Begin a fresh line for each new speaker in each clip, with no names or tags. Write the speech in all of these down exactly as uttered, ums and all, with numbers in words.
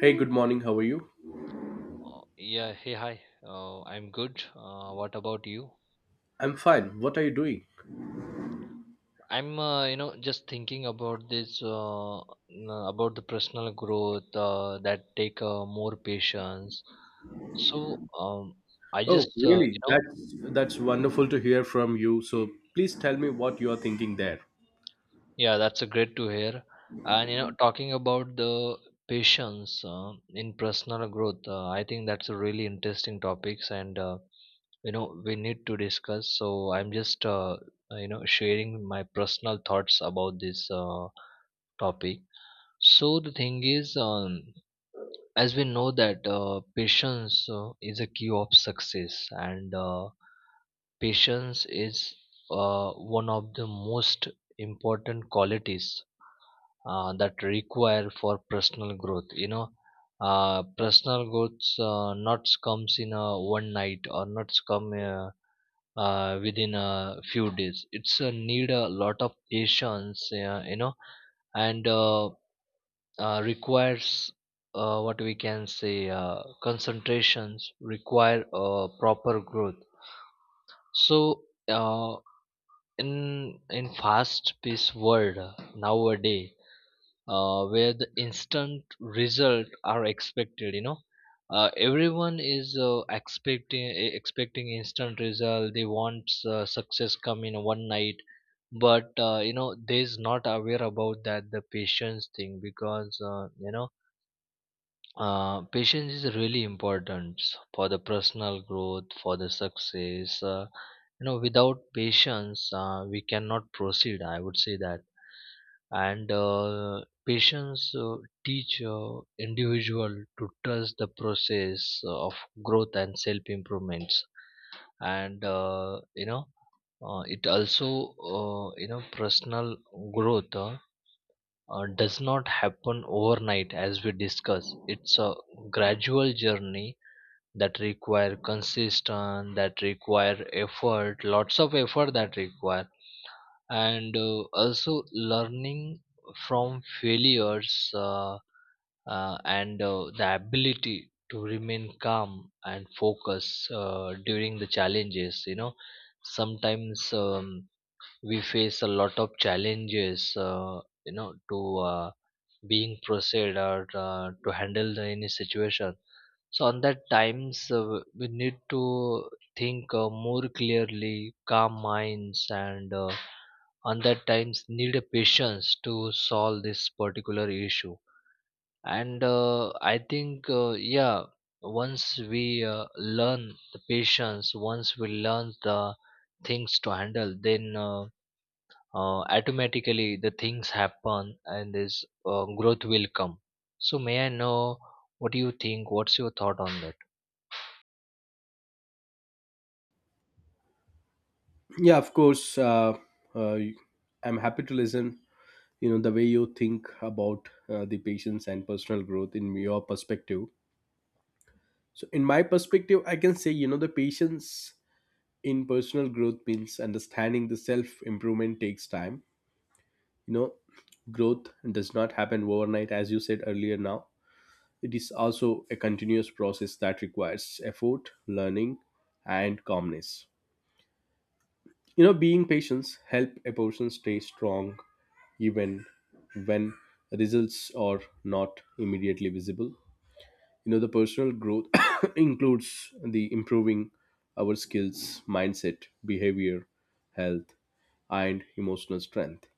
Hey, good morning. How are you?
Uh, yeah, hey, hi. Uh, I'm good. Uh, what about you?
I'm fine. What are you doing?
I'm, uh, you know, just thinking about this, uh, n- about the personal growth uh, that take uh, more patience. So, um, I
Oh,
just, uh, you
really?
know,
That's that's wonderful to hear from you. So, please tell me what you are thinking there.
Yeah, that's a great to hear. And you know, talking about the patience uh, in personal growth, uh, I think that's a really interesting topics and. Uh, you know we need to discuss so i'm just uh, you know sharing my personal thoughts about this uh, topic. So the thing is um, as we know that uh, patience uh, is a key of success, and uh, patience is uh, one of the most important qualities uh, that require for personal growth. You know uh, personal growth uh, not comes in a one night, or not come uh, uh, within a few days. It's a need a lot of patience, uh, you know and uh, uh, requires uh, what we can say uh, concentrations, require uh, proper growth. So uh, in in fast paced world nowadays, uh, where the instant result are expected, you know uh, everyone is uh, expecting e- expecting instant result. They want uh, success come in one night, but uh, you know they's not aware about that the patience thing, because uh, you know uh, patience is really important for the personal growth, for the success. uh, you know without patience uh, we cannot proceed, I would say that. And uh, patience uh, teach uh, individual to trust the process of growth and self improvements. And uh, you know uh, it also, uh, you know personal growth uh, uh, does not happen overnight. As we discuss, it's a gradual journey that require consistent, that require effort, lots of effort, that require. And uh, also learning from failures uh, uh, and uh, the ability to remain calm and focus uh, during the challenges. You know sometimes um, we face a lot of challenges, uh, you know to uh, being proceed, or uh, to handle the any situation. So on that times uh, we need to think uh, more clearly, calm minds, and uh, and that times need a patience to solve this particular issue. And uh, I think, uh, yeah once we uh, learn the patience, once we learn the things to handle, then uh, uh, automatically the things happen, and this uh, growth will come. So may I know what do you think? What's your thought on that?
Yeah, of course. Uh, uh, I'm happy to listen. You know the way you think about uh, the patience and personal growth in your perspective. So, in my perspective, I can say, you know, the patience in personal growth means understanding the self improvement takes time. You know, growth does not happen overnight, as you said earlier. Now it is also a continuous process that requires effort, learning, and calmness. You know, being patient help a person stay strong even when results are not immediately visible. You know, the personal growth includes the improving our skills, mindset, behavior, health, and emotional strength.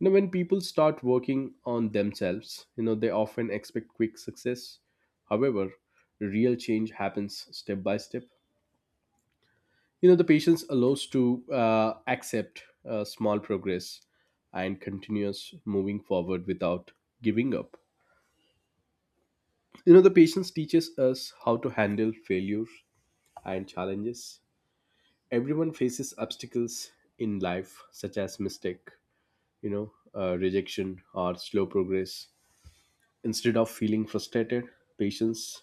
You know, when people start working on themselves, you know, they often expect quick success. However, real change happens step by step. You know, the patience allows to uh, accept uh, small progress and continuous moving forward without giving up. You know, the patience teaches us how to handle failures and challenges. Everyone faces obstacles in life, such as mistake, you know, uh, rejection, or slow progress. Instead of feeling frustrated patients,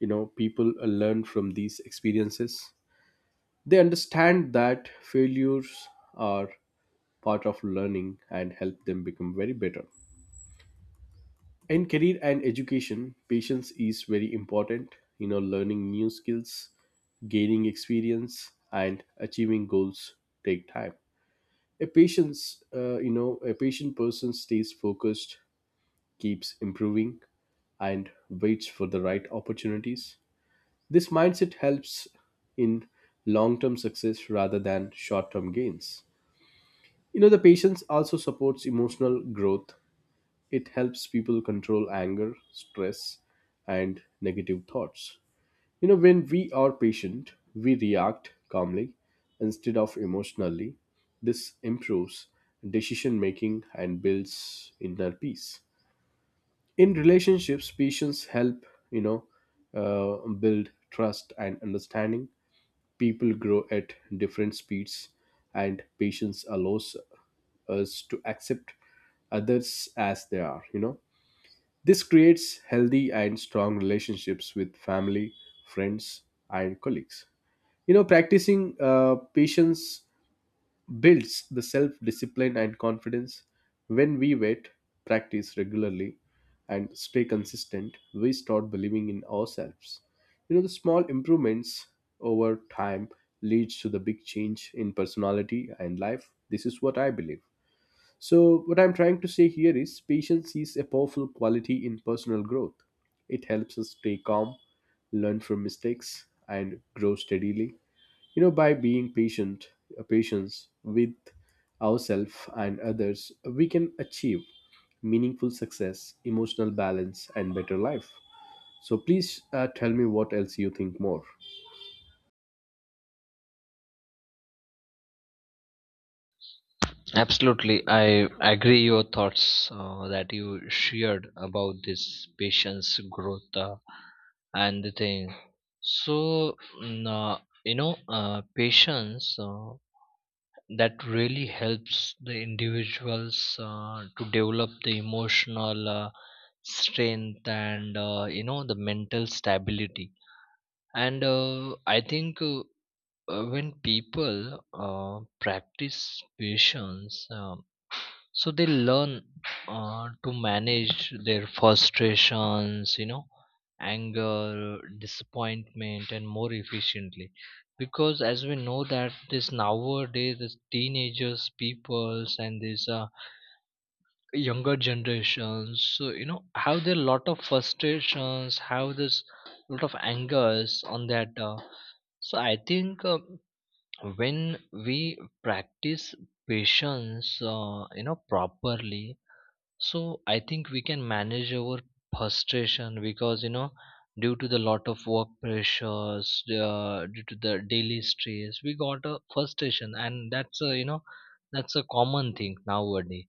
you know, people uh, learn from these experiences. They understand that failures are part of learning and help them become very better. In career and education, patience is very important. You know, learning new skills, gaining experience, and achieving goals take time. A patient's uh, You know, a patient person stays focused, keeps improving, and waits for the right opportunities. This mindset helps in long term success rather than short term gains. You know, the patience also supports emotional growth. It helps people control anger, stress, and negative thoughts. You know, when we are patient, we react calmly instead of emotionally. This improves decision making and builds inner peace. In relationships, patience help, you know, uh, build trust and understanding. People grow at different speeds, and patience allows us to accept others as they are, you know. This creates healthy and strong relationships with family, friends, and colleagues. You know, practicing uh, patience builds the self discipline and confidence. When we wait, practice regularly, and stay consistent, we start believing in ourselves. You know, the small improvements over time leads to the big change in personality and life. This is what I believe. So, what I'm trying to say here is patience is a powerful quality in personal growth. It helps us stay calm, learn from mistakes, and grow steadily. You know, by being patient, uh, patience with ourselves and others, we can achieve meaningful success, emotional balance, and better life. So, please uh, tell me what else you think more.
Absolutely, I agree your thoughts uh, that you shared about this patient's growth uh, and the thing. So, mm, uh, you know, uh, patience uh, that really helps the individuals uh, to develop the emotional uh, strength, and uh, you know the mental stability. And uh, I think uh, uh, when people uh, practice patience. Um, so they learn uh, to manage their frustrations, you know anger, disappointment, and more efficiently. Because as we know that this nowadays this teenagers peoples and these uh, younger generations, so you know have there are lot of frustrations, have this lot of angers on that uh, so I think uh, when we practice patience, uh, you know properly, so I think we can manage our frustration, because you know due to the lot of work pressures, uh, due to the daily stress we got a frustration, and that's a you know that's a common thing nowadays.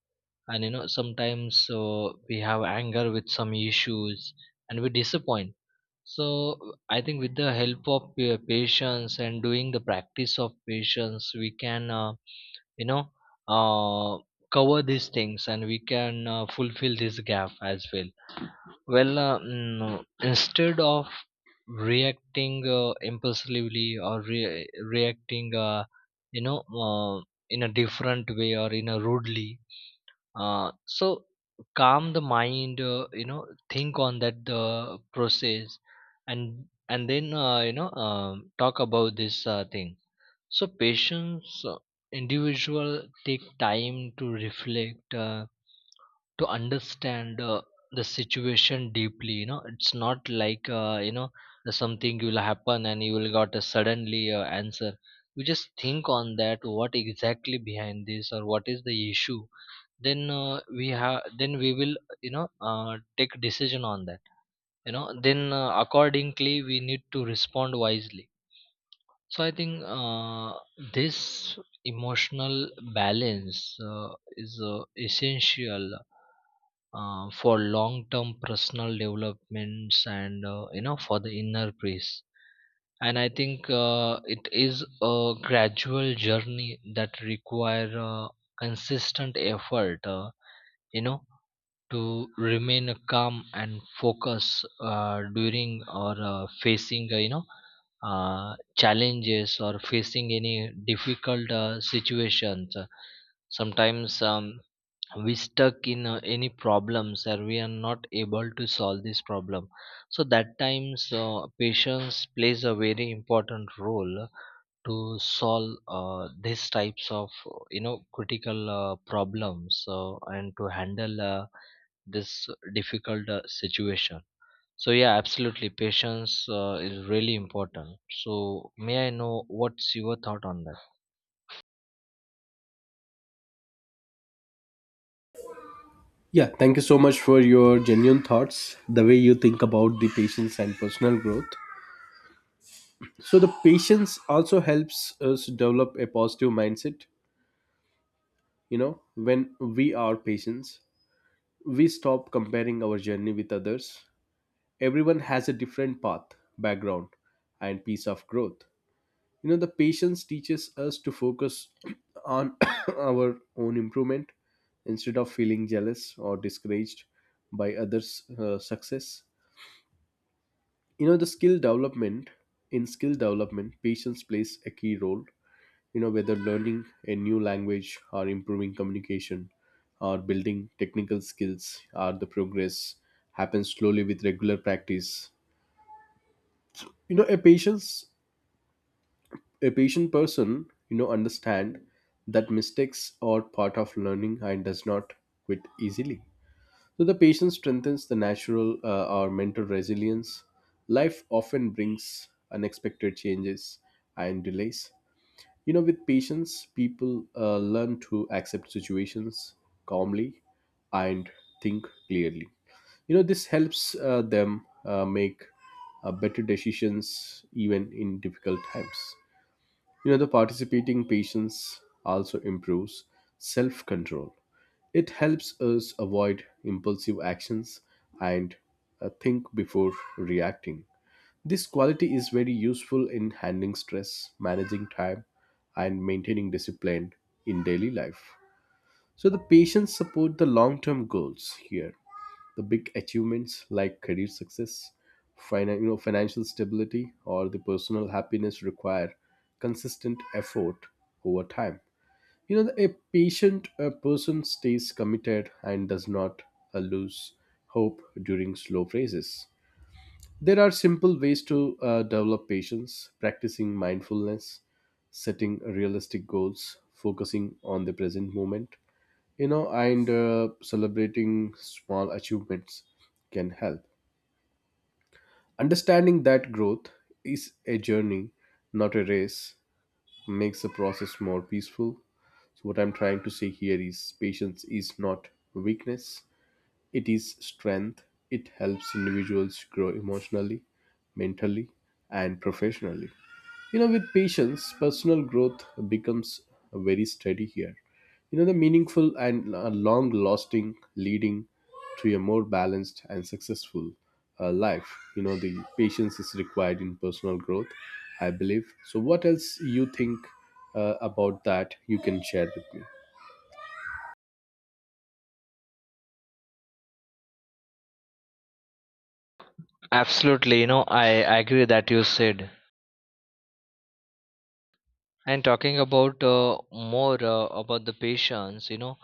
And you know sometimes uh, we have anger with some issues and we disappoint. So I think with the help of uh, patience and doing the practice of patience, we can, uh, you know uh, cover these things, and we can uh, fulfill this gap as well. Well uh, mm, instead of reacting uh, impulsively, or re- reacting uh, you know uh, in a different way or in a rudely, uh, so calm the mind, uh, you know think on that the process, and and then uh, you know um talk about this uh, thing. So patients, uh, individual take time to reflect, uh, to understand uh, the situation deeply. You know, it's not like uh, you know something will happen and you will got a suddenly uh, answer. You just think on that. What exactly behind this, or what is the issue? Then uh, we have. Then we will you know uh, take decision on that. You know, then uh, accordingly we need to respond wisely. So I think uh, this emotional balance uh, is uh, essential uh, for long-term personal developments, and uh, you know for the inner peace. And I think uh, it is a gradual journey that require uh, consistent effort. Uh, you know to remain calm and focus uh, during or uh, facing uh, you know uh, challenges, or facing any difficult uh, situations. Sometimes um, we stuck in uh, any problems and we are not able to solve this problem. So that times uh, patience plays a very important role to solve uh, these types of you know critical uh, problems, uh, and to handle uh, this difficult uh, situation. So yeah absolutely patience uh, is really important. So may I know what's your thought on that?
Yeah, thank you so much for your genuine thoughts, the way you think about the patience and personal growth. So the patience also helps us develop a positive mindset. You know, when we are patients, we stop comparing our journey with others. Everyone has a different path, background, and piece of growth. You know, the patience teaches us to focus on our own improvement instead of feeling jealous or discouraged by others uh, success. You know the skill development in skill development patience plays a key role. You know, whether learning a new language or improving communication or building technical skills, or the progress happens slowly with regular practice. You know a patient's a patient person, you know, understand that mistakes are part of learning and does not quit easily. So the patient strengthens the natural uh, or mental resilience. Life often brings unexpected changes and delays. You know, with patience, people uh, learn to accept situations calmly and think clearly. You know, this helps uh, them uh, make uh, better decisions even in difficult times. You know, the participating patients also improves self control. It helps us avoid impulsive actions and uh, think before reacting. This quality is very useful in handling stress, managing time, and maintaining discipline in daily life. So the patients support the long-term goals here. The big achievements like career success, finan- you know, financial stability, or the personal happiness require consistent effort over time. You know, a patient a person stays committed and does not uh, lose hope during slow phases. There are simple ways to uh, develop patience, practicing mindfulness, setting realistic goals, focusing on the present moment, you know, and uh, celebrating small achievements can help. Understanding that growth is a journey, not a race, makes the process more peaceful. So, what I'm trying to say here is patience is not weakness, it is strength. It helps individuals grow emotionally, mentally, and professionally. You know, with patience, personal growth becomes very steady here. You know, the meaningful and long lasting, leading to a more balanced and successful uh, life. You know, the patience is required in personal growth, I believe. So, what else you think uh, about that you can share with me?
Absolutely, you know, I agree that you said. And talking about uh, more uh, about the patients, you know,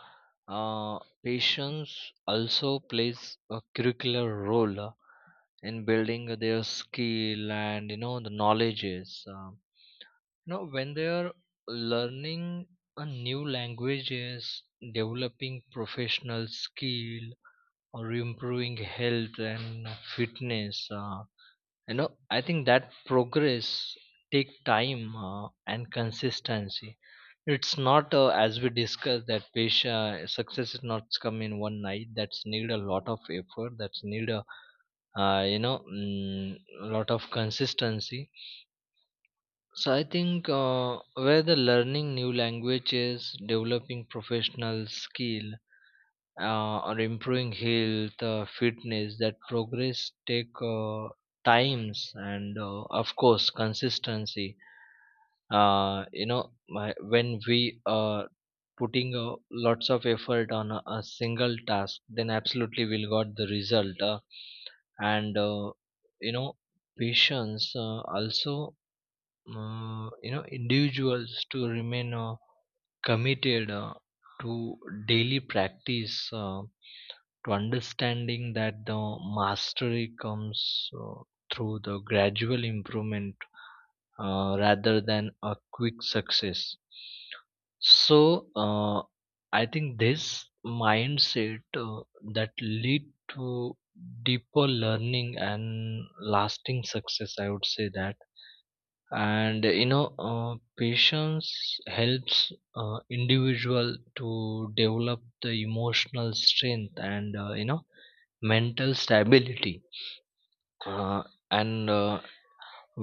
uh, patients also plays a curricular role uh, in building their skill, and you know the knowledges. Um, know when they are learning a new languages, developing professional skill, or improving health and fitness. Uh, you know I think that progress take time uh, and consistency. It's not uh, as we discussed that patient success is not come in one night. That's need a lot of effort, that's need a uh, you know mm, lot of consistency. So I think uh, whether learning new languages, developing professional skill, uh, or improving health, uh, fitness, that progress take uh, times and uh, of course consistency. Uh, you know, my, when we are putting uh, lots of effort on a, a single task, then absolutely we'll got the result. Uh, and uh, You know, patience uh, also uh, you know individuals to remain uh, committed uh, to daily practice, uh, to understanding that the mastery comes uh, through the gradual improvement uh, rather than a quick success. So uh, I think this mindset uh, that lead to deeper learning and lasting success, I would say that. And you know uh, patience helps uh, individual to develop the emotional strength and uh, you know mental stability. Uh, and uh,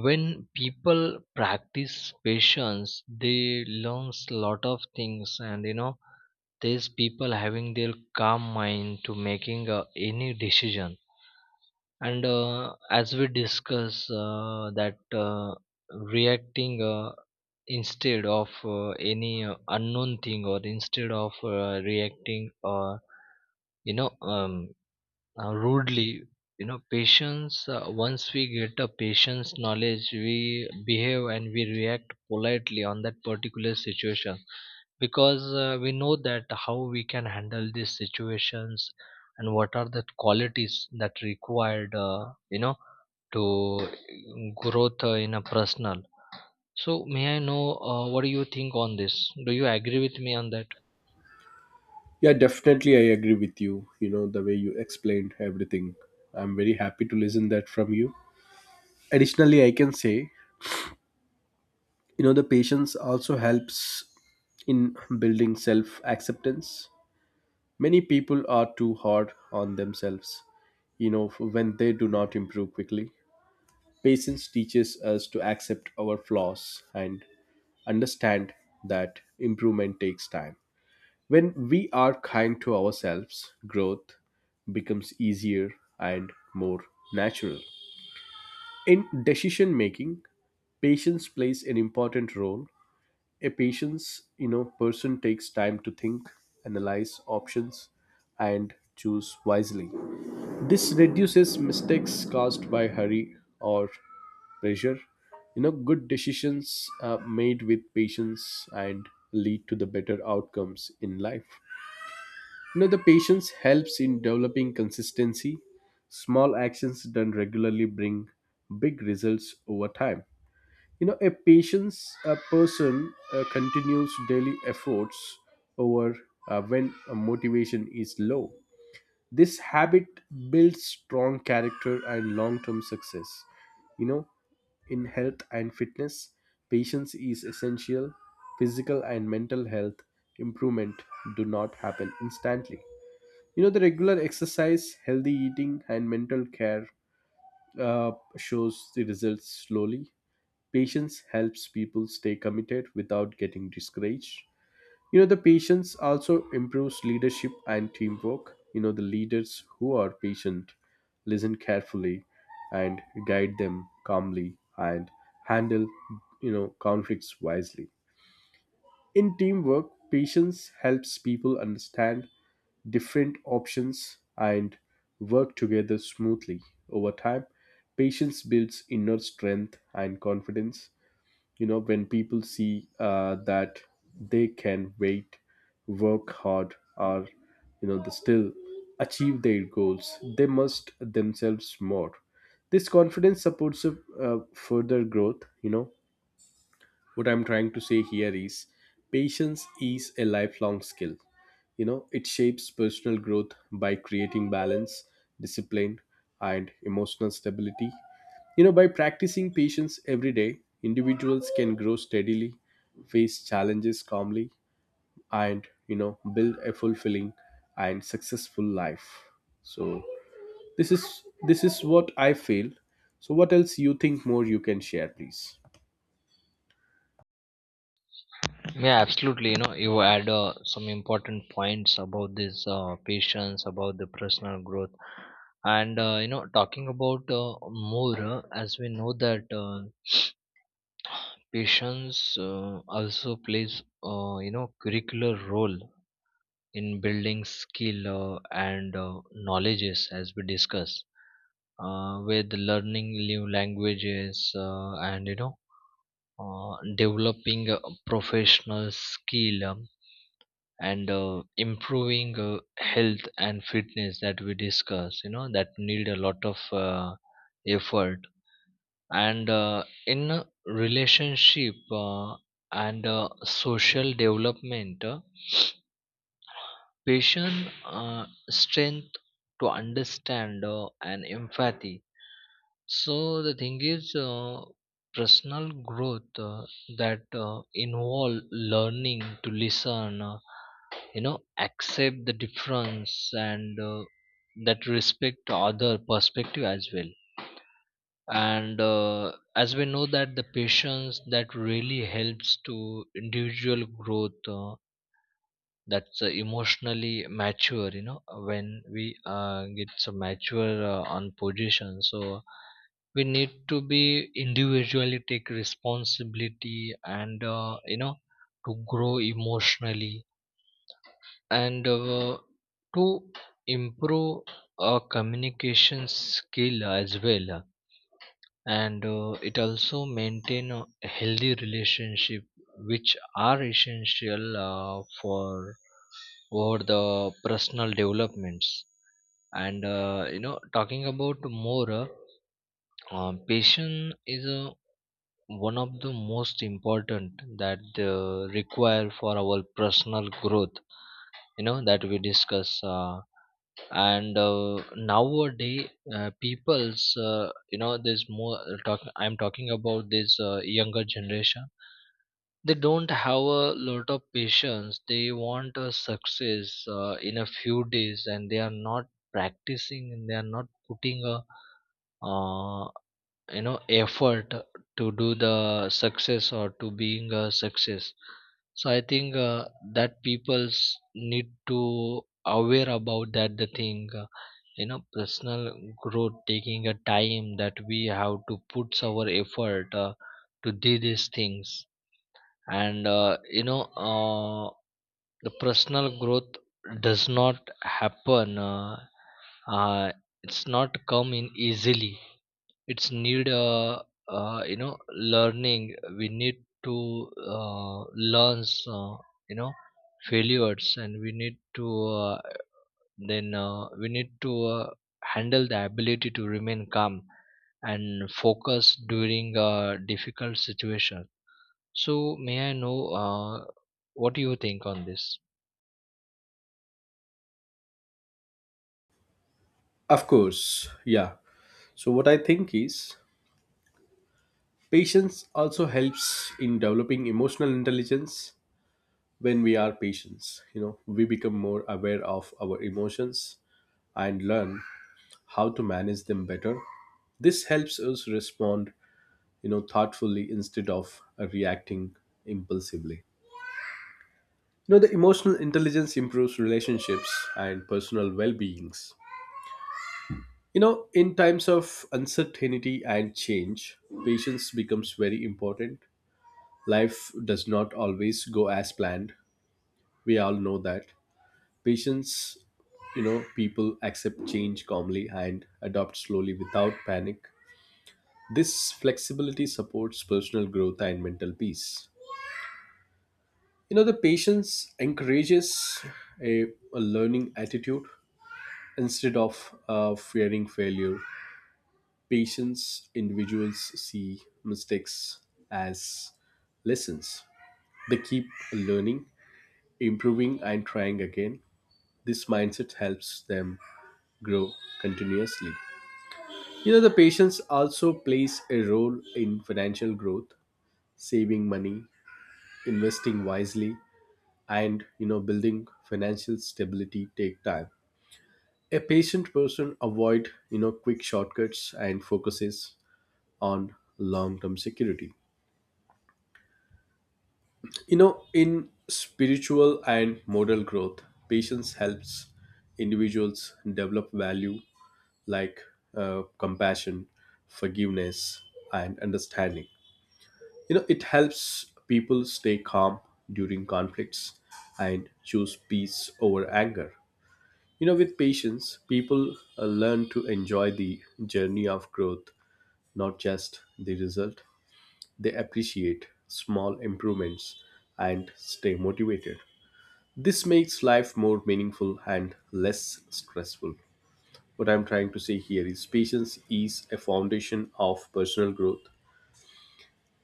When people practice patience they learns lot of things, and you know these people having their calm mind to making uh, any decision. And uh, as we discuss uh, that uh, reacting, uh, instead of uh, any uh, unknown thing, or instead of uh, reacting uh, you know um, uh, rudely. You know patience, uh, once we get a patience knowledge, we behave and we react politely on that particular situation, because uh, we know that how we can handle these situations and what are the qualities that required, uh, you know to um, growth uh, in a personal. So may I know uh, what do you think on this? Do you agree with me on that?
Yeah, definitely I agree with you. You know, the way you explained everything. I'm very happy to listen that from you. Additionally, I can say, you know, the patience also helps in building self-acceptance. Many people are too hard on themselves, you know, when they do not improve quickly. Patience teaches us to accept our flaws and understand that improvement takes time. When we are kind to ourselves, growth becomes easier and more natural. In decision making, patience plays an important role. A patience, you know, person takes time to think, analyze options, and choose wisely. This reduces mistakes caused by hurry or pressure. You know, good decisions are made with patience and lead to the better outcomes in life. You know, the patience helps in developing consistency. Small actions done regularly bring big results over time. You know, a patience a person uh, continues daily efforts over uh, when uh, motivation is low. This habit builds strong character and long-term success. You know, in health and fitness, patience is essential. Physical and mental health improvement do not happen instantly. You know, the regular exercise, healthy eating, and mental care uh, shows the results slowly. Patience helps people stay committed without getting discouraged. You know, the patience also improves leadership and teamwork. You know, the leaders who are patient listen carefully and guide them calmly and handle, you know, conflicts wisely. In teamwork, patience helps people understand different options and work together smoothly. Over time, patience builds inner strength and confidence. You know, when people see uh, that they can wait, work hard, or, you know, they still achieve their goals, they must themselves more. This confidence supports uh, further growth. You know, what I'm trying to say here is patience is a lifelong skill. You know, it shapes personal growth by creating balance, discipline, and emotional stability. You know, by practicing patience every day, individuals can grow steadily, face challenges calmly, and, you know, build a fulfilling and successful life. So this is this is what I feel. So, what else you think more you can share, please?
Yeah, absolutely. You know, you add uh, some important points about this uh, patience, about the personal growth. And uh, you know, talking about uh, more, uh, as we know that uh, patience uh, also plays, uh, you know curricular role in building skill uh, and uh, knowledges, as we discuss uh, with learning new languages, uh, and you know uh, developing uh, professional skill um, and uh, improving uh, health and fitness, that we discuss, you know, that need a lot of uh, effort. And uh, in a relationship uh, and uh, social development. uh, Passion, uh, strength to understand, uh, and empathy. So the thing is, uh, personal growth uh, that uh, involve learning to listen, uh, you know, accept the difference, and uh, that respect other perspective as well. And uh, as we know that the patience that really helps to individual growth. Uh, that's uh, emotionally mature. You know uh, when we uh, get so mature uh, on position, so we need to be individually take responsibility, and uh, you know to grow emotionally, and uh, to improve our communication skill as well. And uh, it also maintain a healthy relationship, which are essential uh, for over the personal developments. And uh, you know talking about more, uh, um, patience is uh, one of the most important that uh, require for our personal growth, you know, that we discuss. Uh, and uh, Nowadays uh, people's, uh, you know, there's more talk. I'm talking about this uh, younger generation. They don't have a lot of patience. They want a success uh, in a few days, and they are not practicing, and they are not putting a uh, you know effort to do the success, or to being a success. So I think uh, that people's need to aware about that the thing, uh, you know personal growth taking a time, that we have to put our effort uh, to do these things. And uh, you know uh, the personal growth does not happen uh, uh, it's not come in easily. It's need uh, uh, you know learning. We need to uh, learn, uh, you know failures, and we need to, uh, then uh, we need to uh, handle the ability to remain calm and focus during uh, difficult situations. So, may I know uh, what do you think on this?
Of course, yeah. So, what I think is patience also helps in developing emotional intelligence. When we are patients, you know, we become more aware of our emotions and learn how to manage them better. This helps us respond, you know, thoughtfully instead of uh, reacting impulsively. You know, the emotional intelligence improves relationships and personal well beings. You know, in times of uncertainty and change, patience becomes very important. Life does not always go as planned, we all know that. Patience, you know, people accept change calmly and adopt slowly without panic. This flexibility supports personal growth and mental peace. You know, the patience encourages a, a learning attitude. Instead of uh, fearing failure, patience individuals see mistakes as lessons. They keep learning, improving, and trying again. This mindset helps them grow continuously. You know, the patience also plays a role in financial growth, saving money, investing wisely, and, you know, building financial stability take time. A patient person avoid, you know, quick shortcuts and focuses on long-term security. You know, in spiritual and moral growth, patience helps individuals develop value like uh, compassion, forgiveness, and understanding. You know, it helps people stay calm during conflicts and choose peace over anger. You know, with patience, people uh, learn to enjoy the journey of growth, not just the result. They appreciate small improvements and stay motivated. This makes life more meaningful and less stressful. What I'm trying to say here is patience is a foundation of personal growth.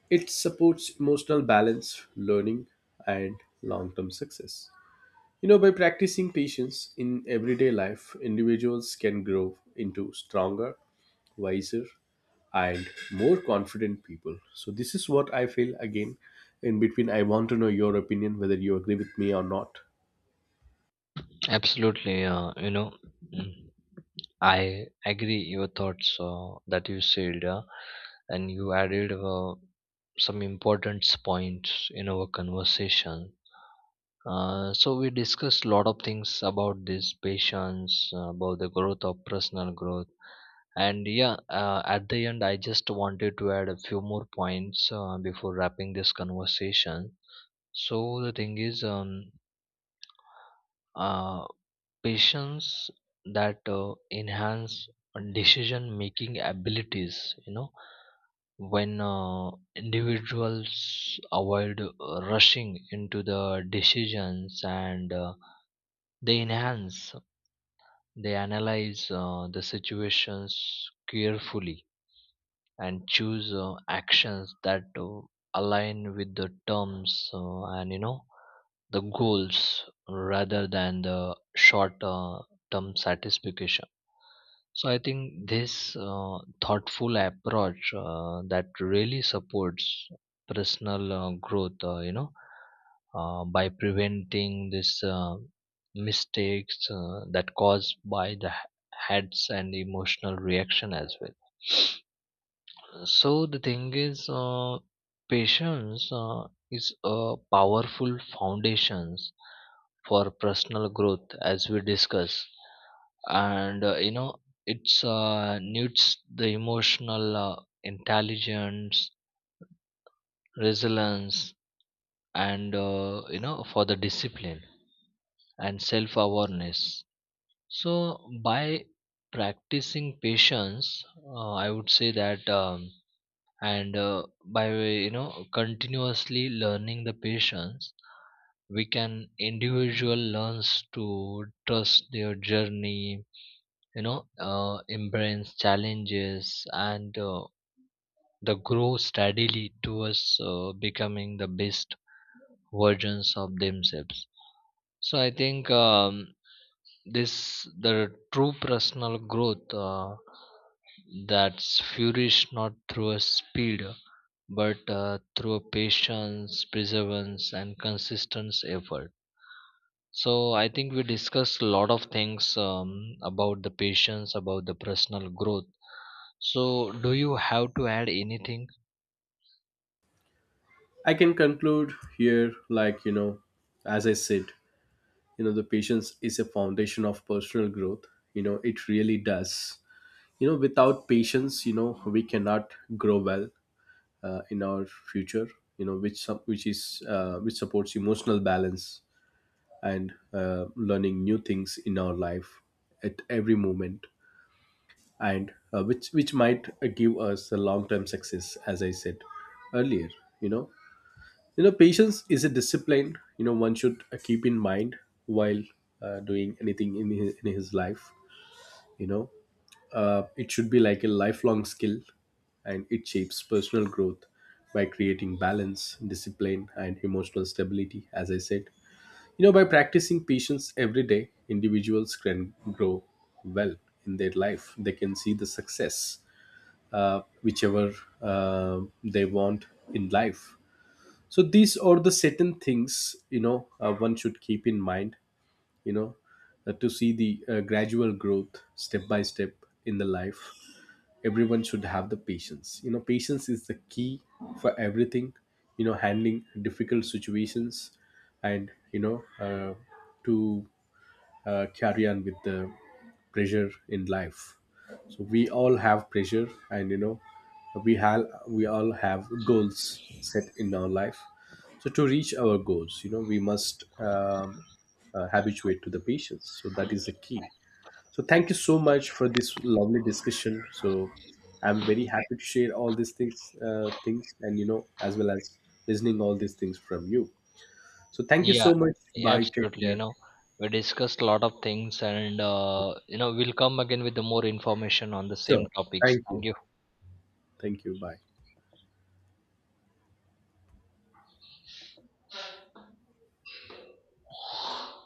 It supports emotional balance, learning, and long term success. You know, by practicing patience in everyday life, individuals can grow into stronger, wiser, and more confident people. So, this is what I feel again. In between, I want to know your opinion whether you agree with me or not.
Absolutely, uh, you know, mm, I agree your thoughts uh, that you said, uh, and you added uh, some important points in our conversation. Uh, so we discussed a lot of things about this patience, uh, about the growth of personal growth. And yeah, uh, at the end, I just wanted to add a few more points uh, before wrapping this conversation. So the thing is, um, uh, patience that uh, enhance decision making abilities. You know, when uh, individuals avoid uh, rushing into the decisions, and uh, they enhance, they analyze uh, the situations carefully, and choose uh, actions that uh, align with the terms, uh, and you know the goals, rather than the short uh, term satisfaction. So I think this uh, thoughtful approach uh, that really supports personal uh, growth, uh, you know uh, by preventing this uh, mistakes uh, that caused by the h- heads and emotional reaction as well. So the thing is, uh, patience uh, is a powerful foundation for personal growth, as we discuss. And uh, you know it's uh, needs the emotional uh, intelligence, resilience, and uh, you know for the discipline and self awareness. So by practicing patience, uh, I would say that, um, and uh, by you know continuously learning the patience, we can, individual learns to trust their journey. you know uh, Embrace challenges, and uh, the grow steadily towards uh, becoming the best versions of themselves. So I think, um, this, the true personal growth uh, that's furious, not through a speed, but uh, through a patience, perseverance, and consistent effort. So I think we discussed a lot of things, um, about the patience, about the personal growth. So, do you have to add anything?
I can conclude here, like, you know, as I said, you know, the patience is a foundation of personal growth. You know, it really does. You know, without patience, you know, we cannot grow well uh, in our future. You know, which some, which is uh, which supports emotional balance and uh, learning new things in our life at every moment, and uh, which which might uh, give us a long term success, as I said earlier. You know, you know, patience is a discipline. You know, one should uh, keep in mind while uh, doing anything in his, in his life. You know, uh, it should be like a lifelong skill, and it shapes personal growth by creating balance, discipline, and emotional stability, as I said. You know, by practicing patience every day, individuals can grow well in their life. They can see the success uh, whichever uh, they want in life. So these are the certain things, you know, uh, one should keep in mind, you know, uh, to see the uh, gradual growth step by step in the life. Everyone should have the patience. You know, patience is the key for everything. You know, handling difficult situations, and you know, uh, to uh, carry on with the pressure in life. So we all have pressure, and you know, we have we all have goals set in our life. So to reach our goals, you know, we must um, uh, habituate to the patience, so that is the key. So thank you so much for this lovely discussion. So I'm very happy to share all these things uh, things, and, you know, as well as listening all these things from you. So thank you
Yeah,
so much. Bye, take
absolutely. You
care.
know, we discussed a lot of things, and uh, you know, we'll come again with the more information on the same
Sure,
topics.
thank
Thank
you. Thank you. Bye.
you.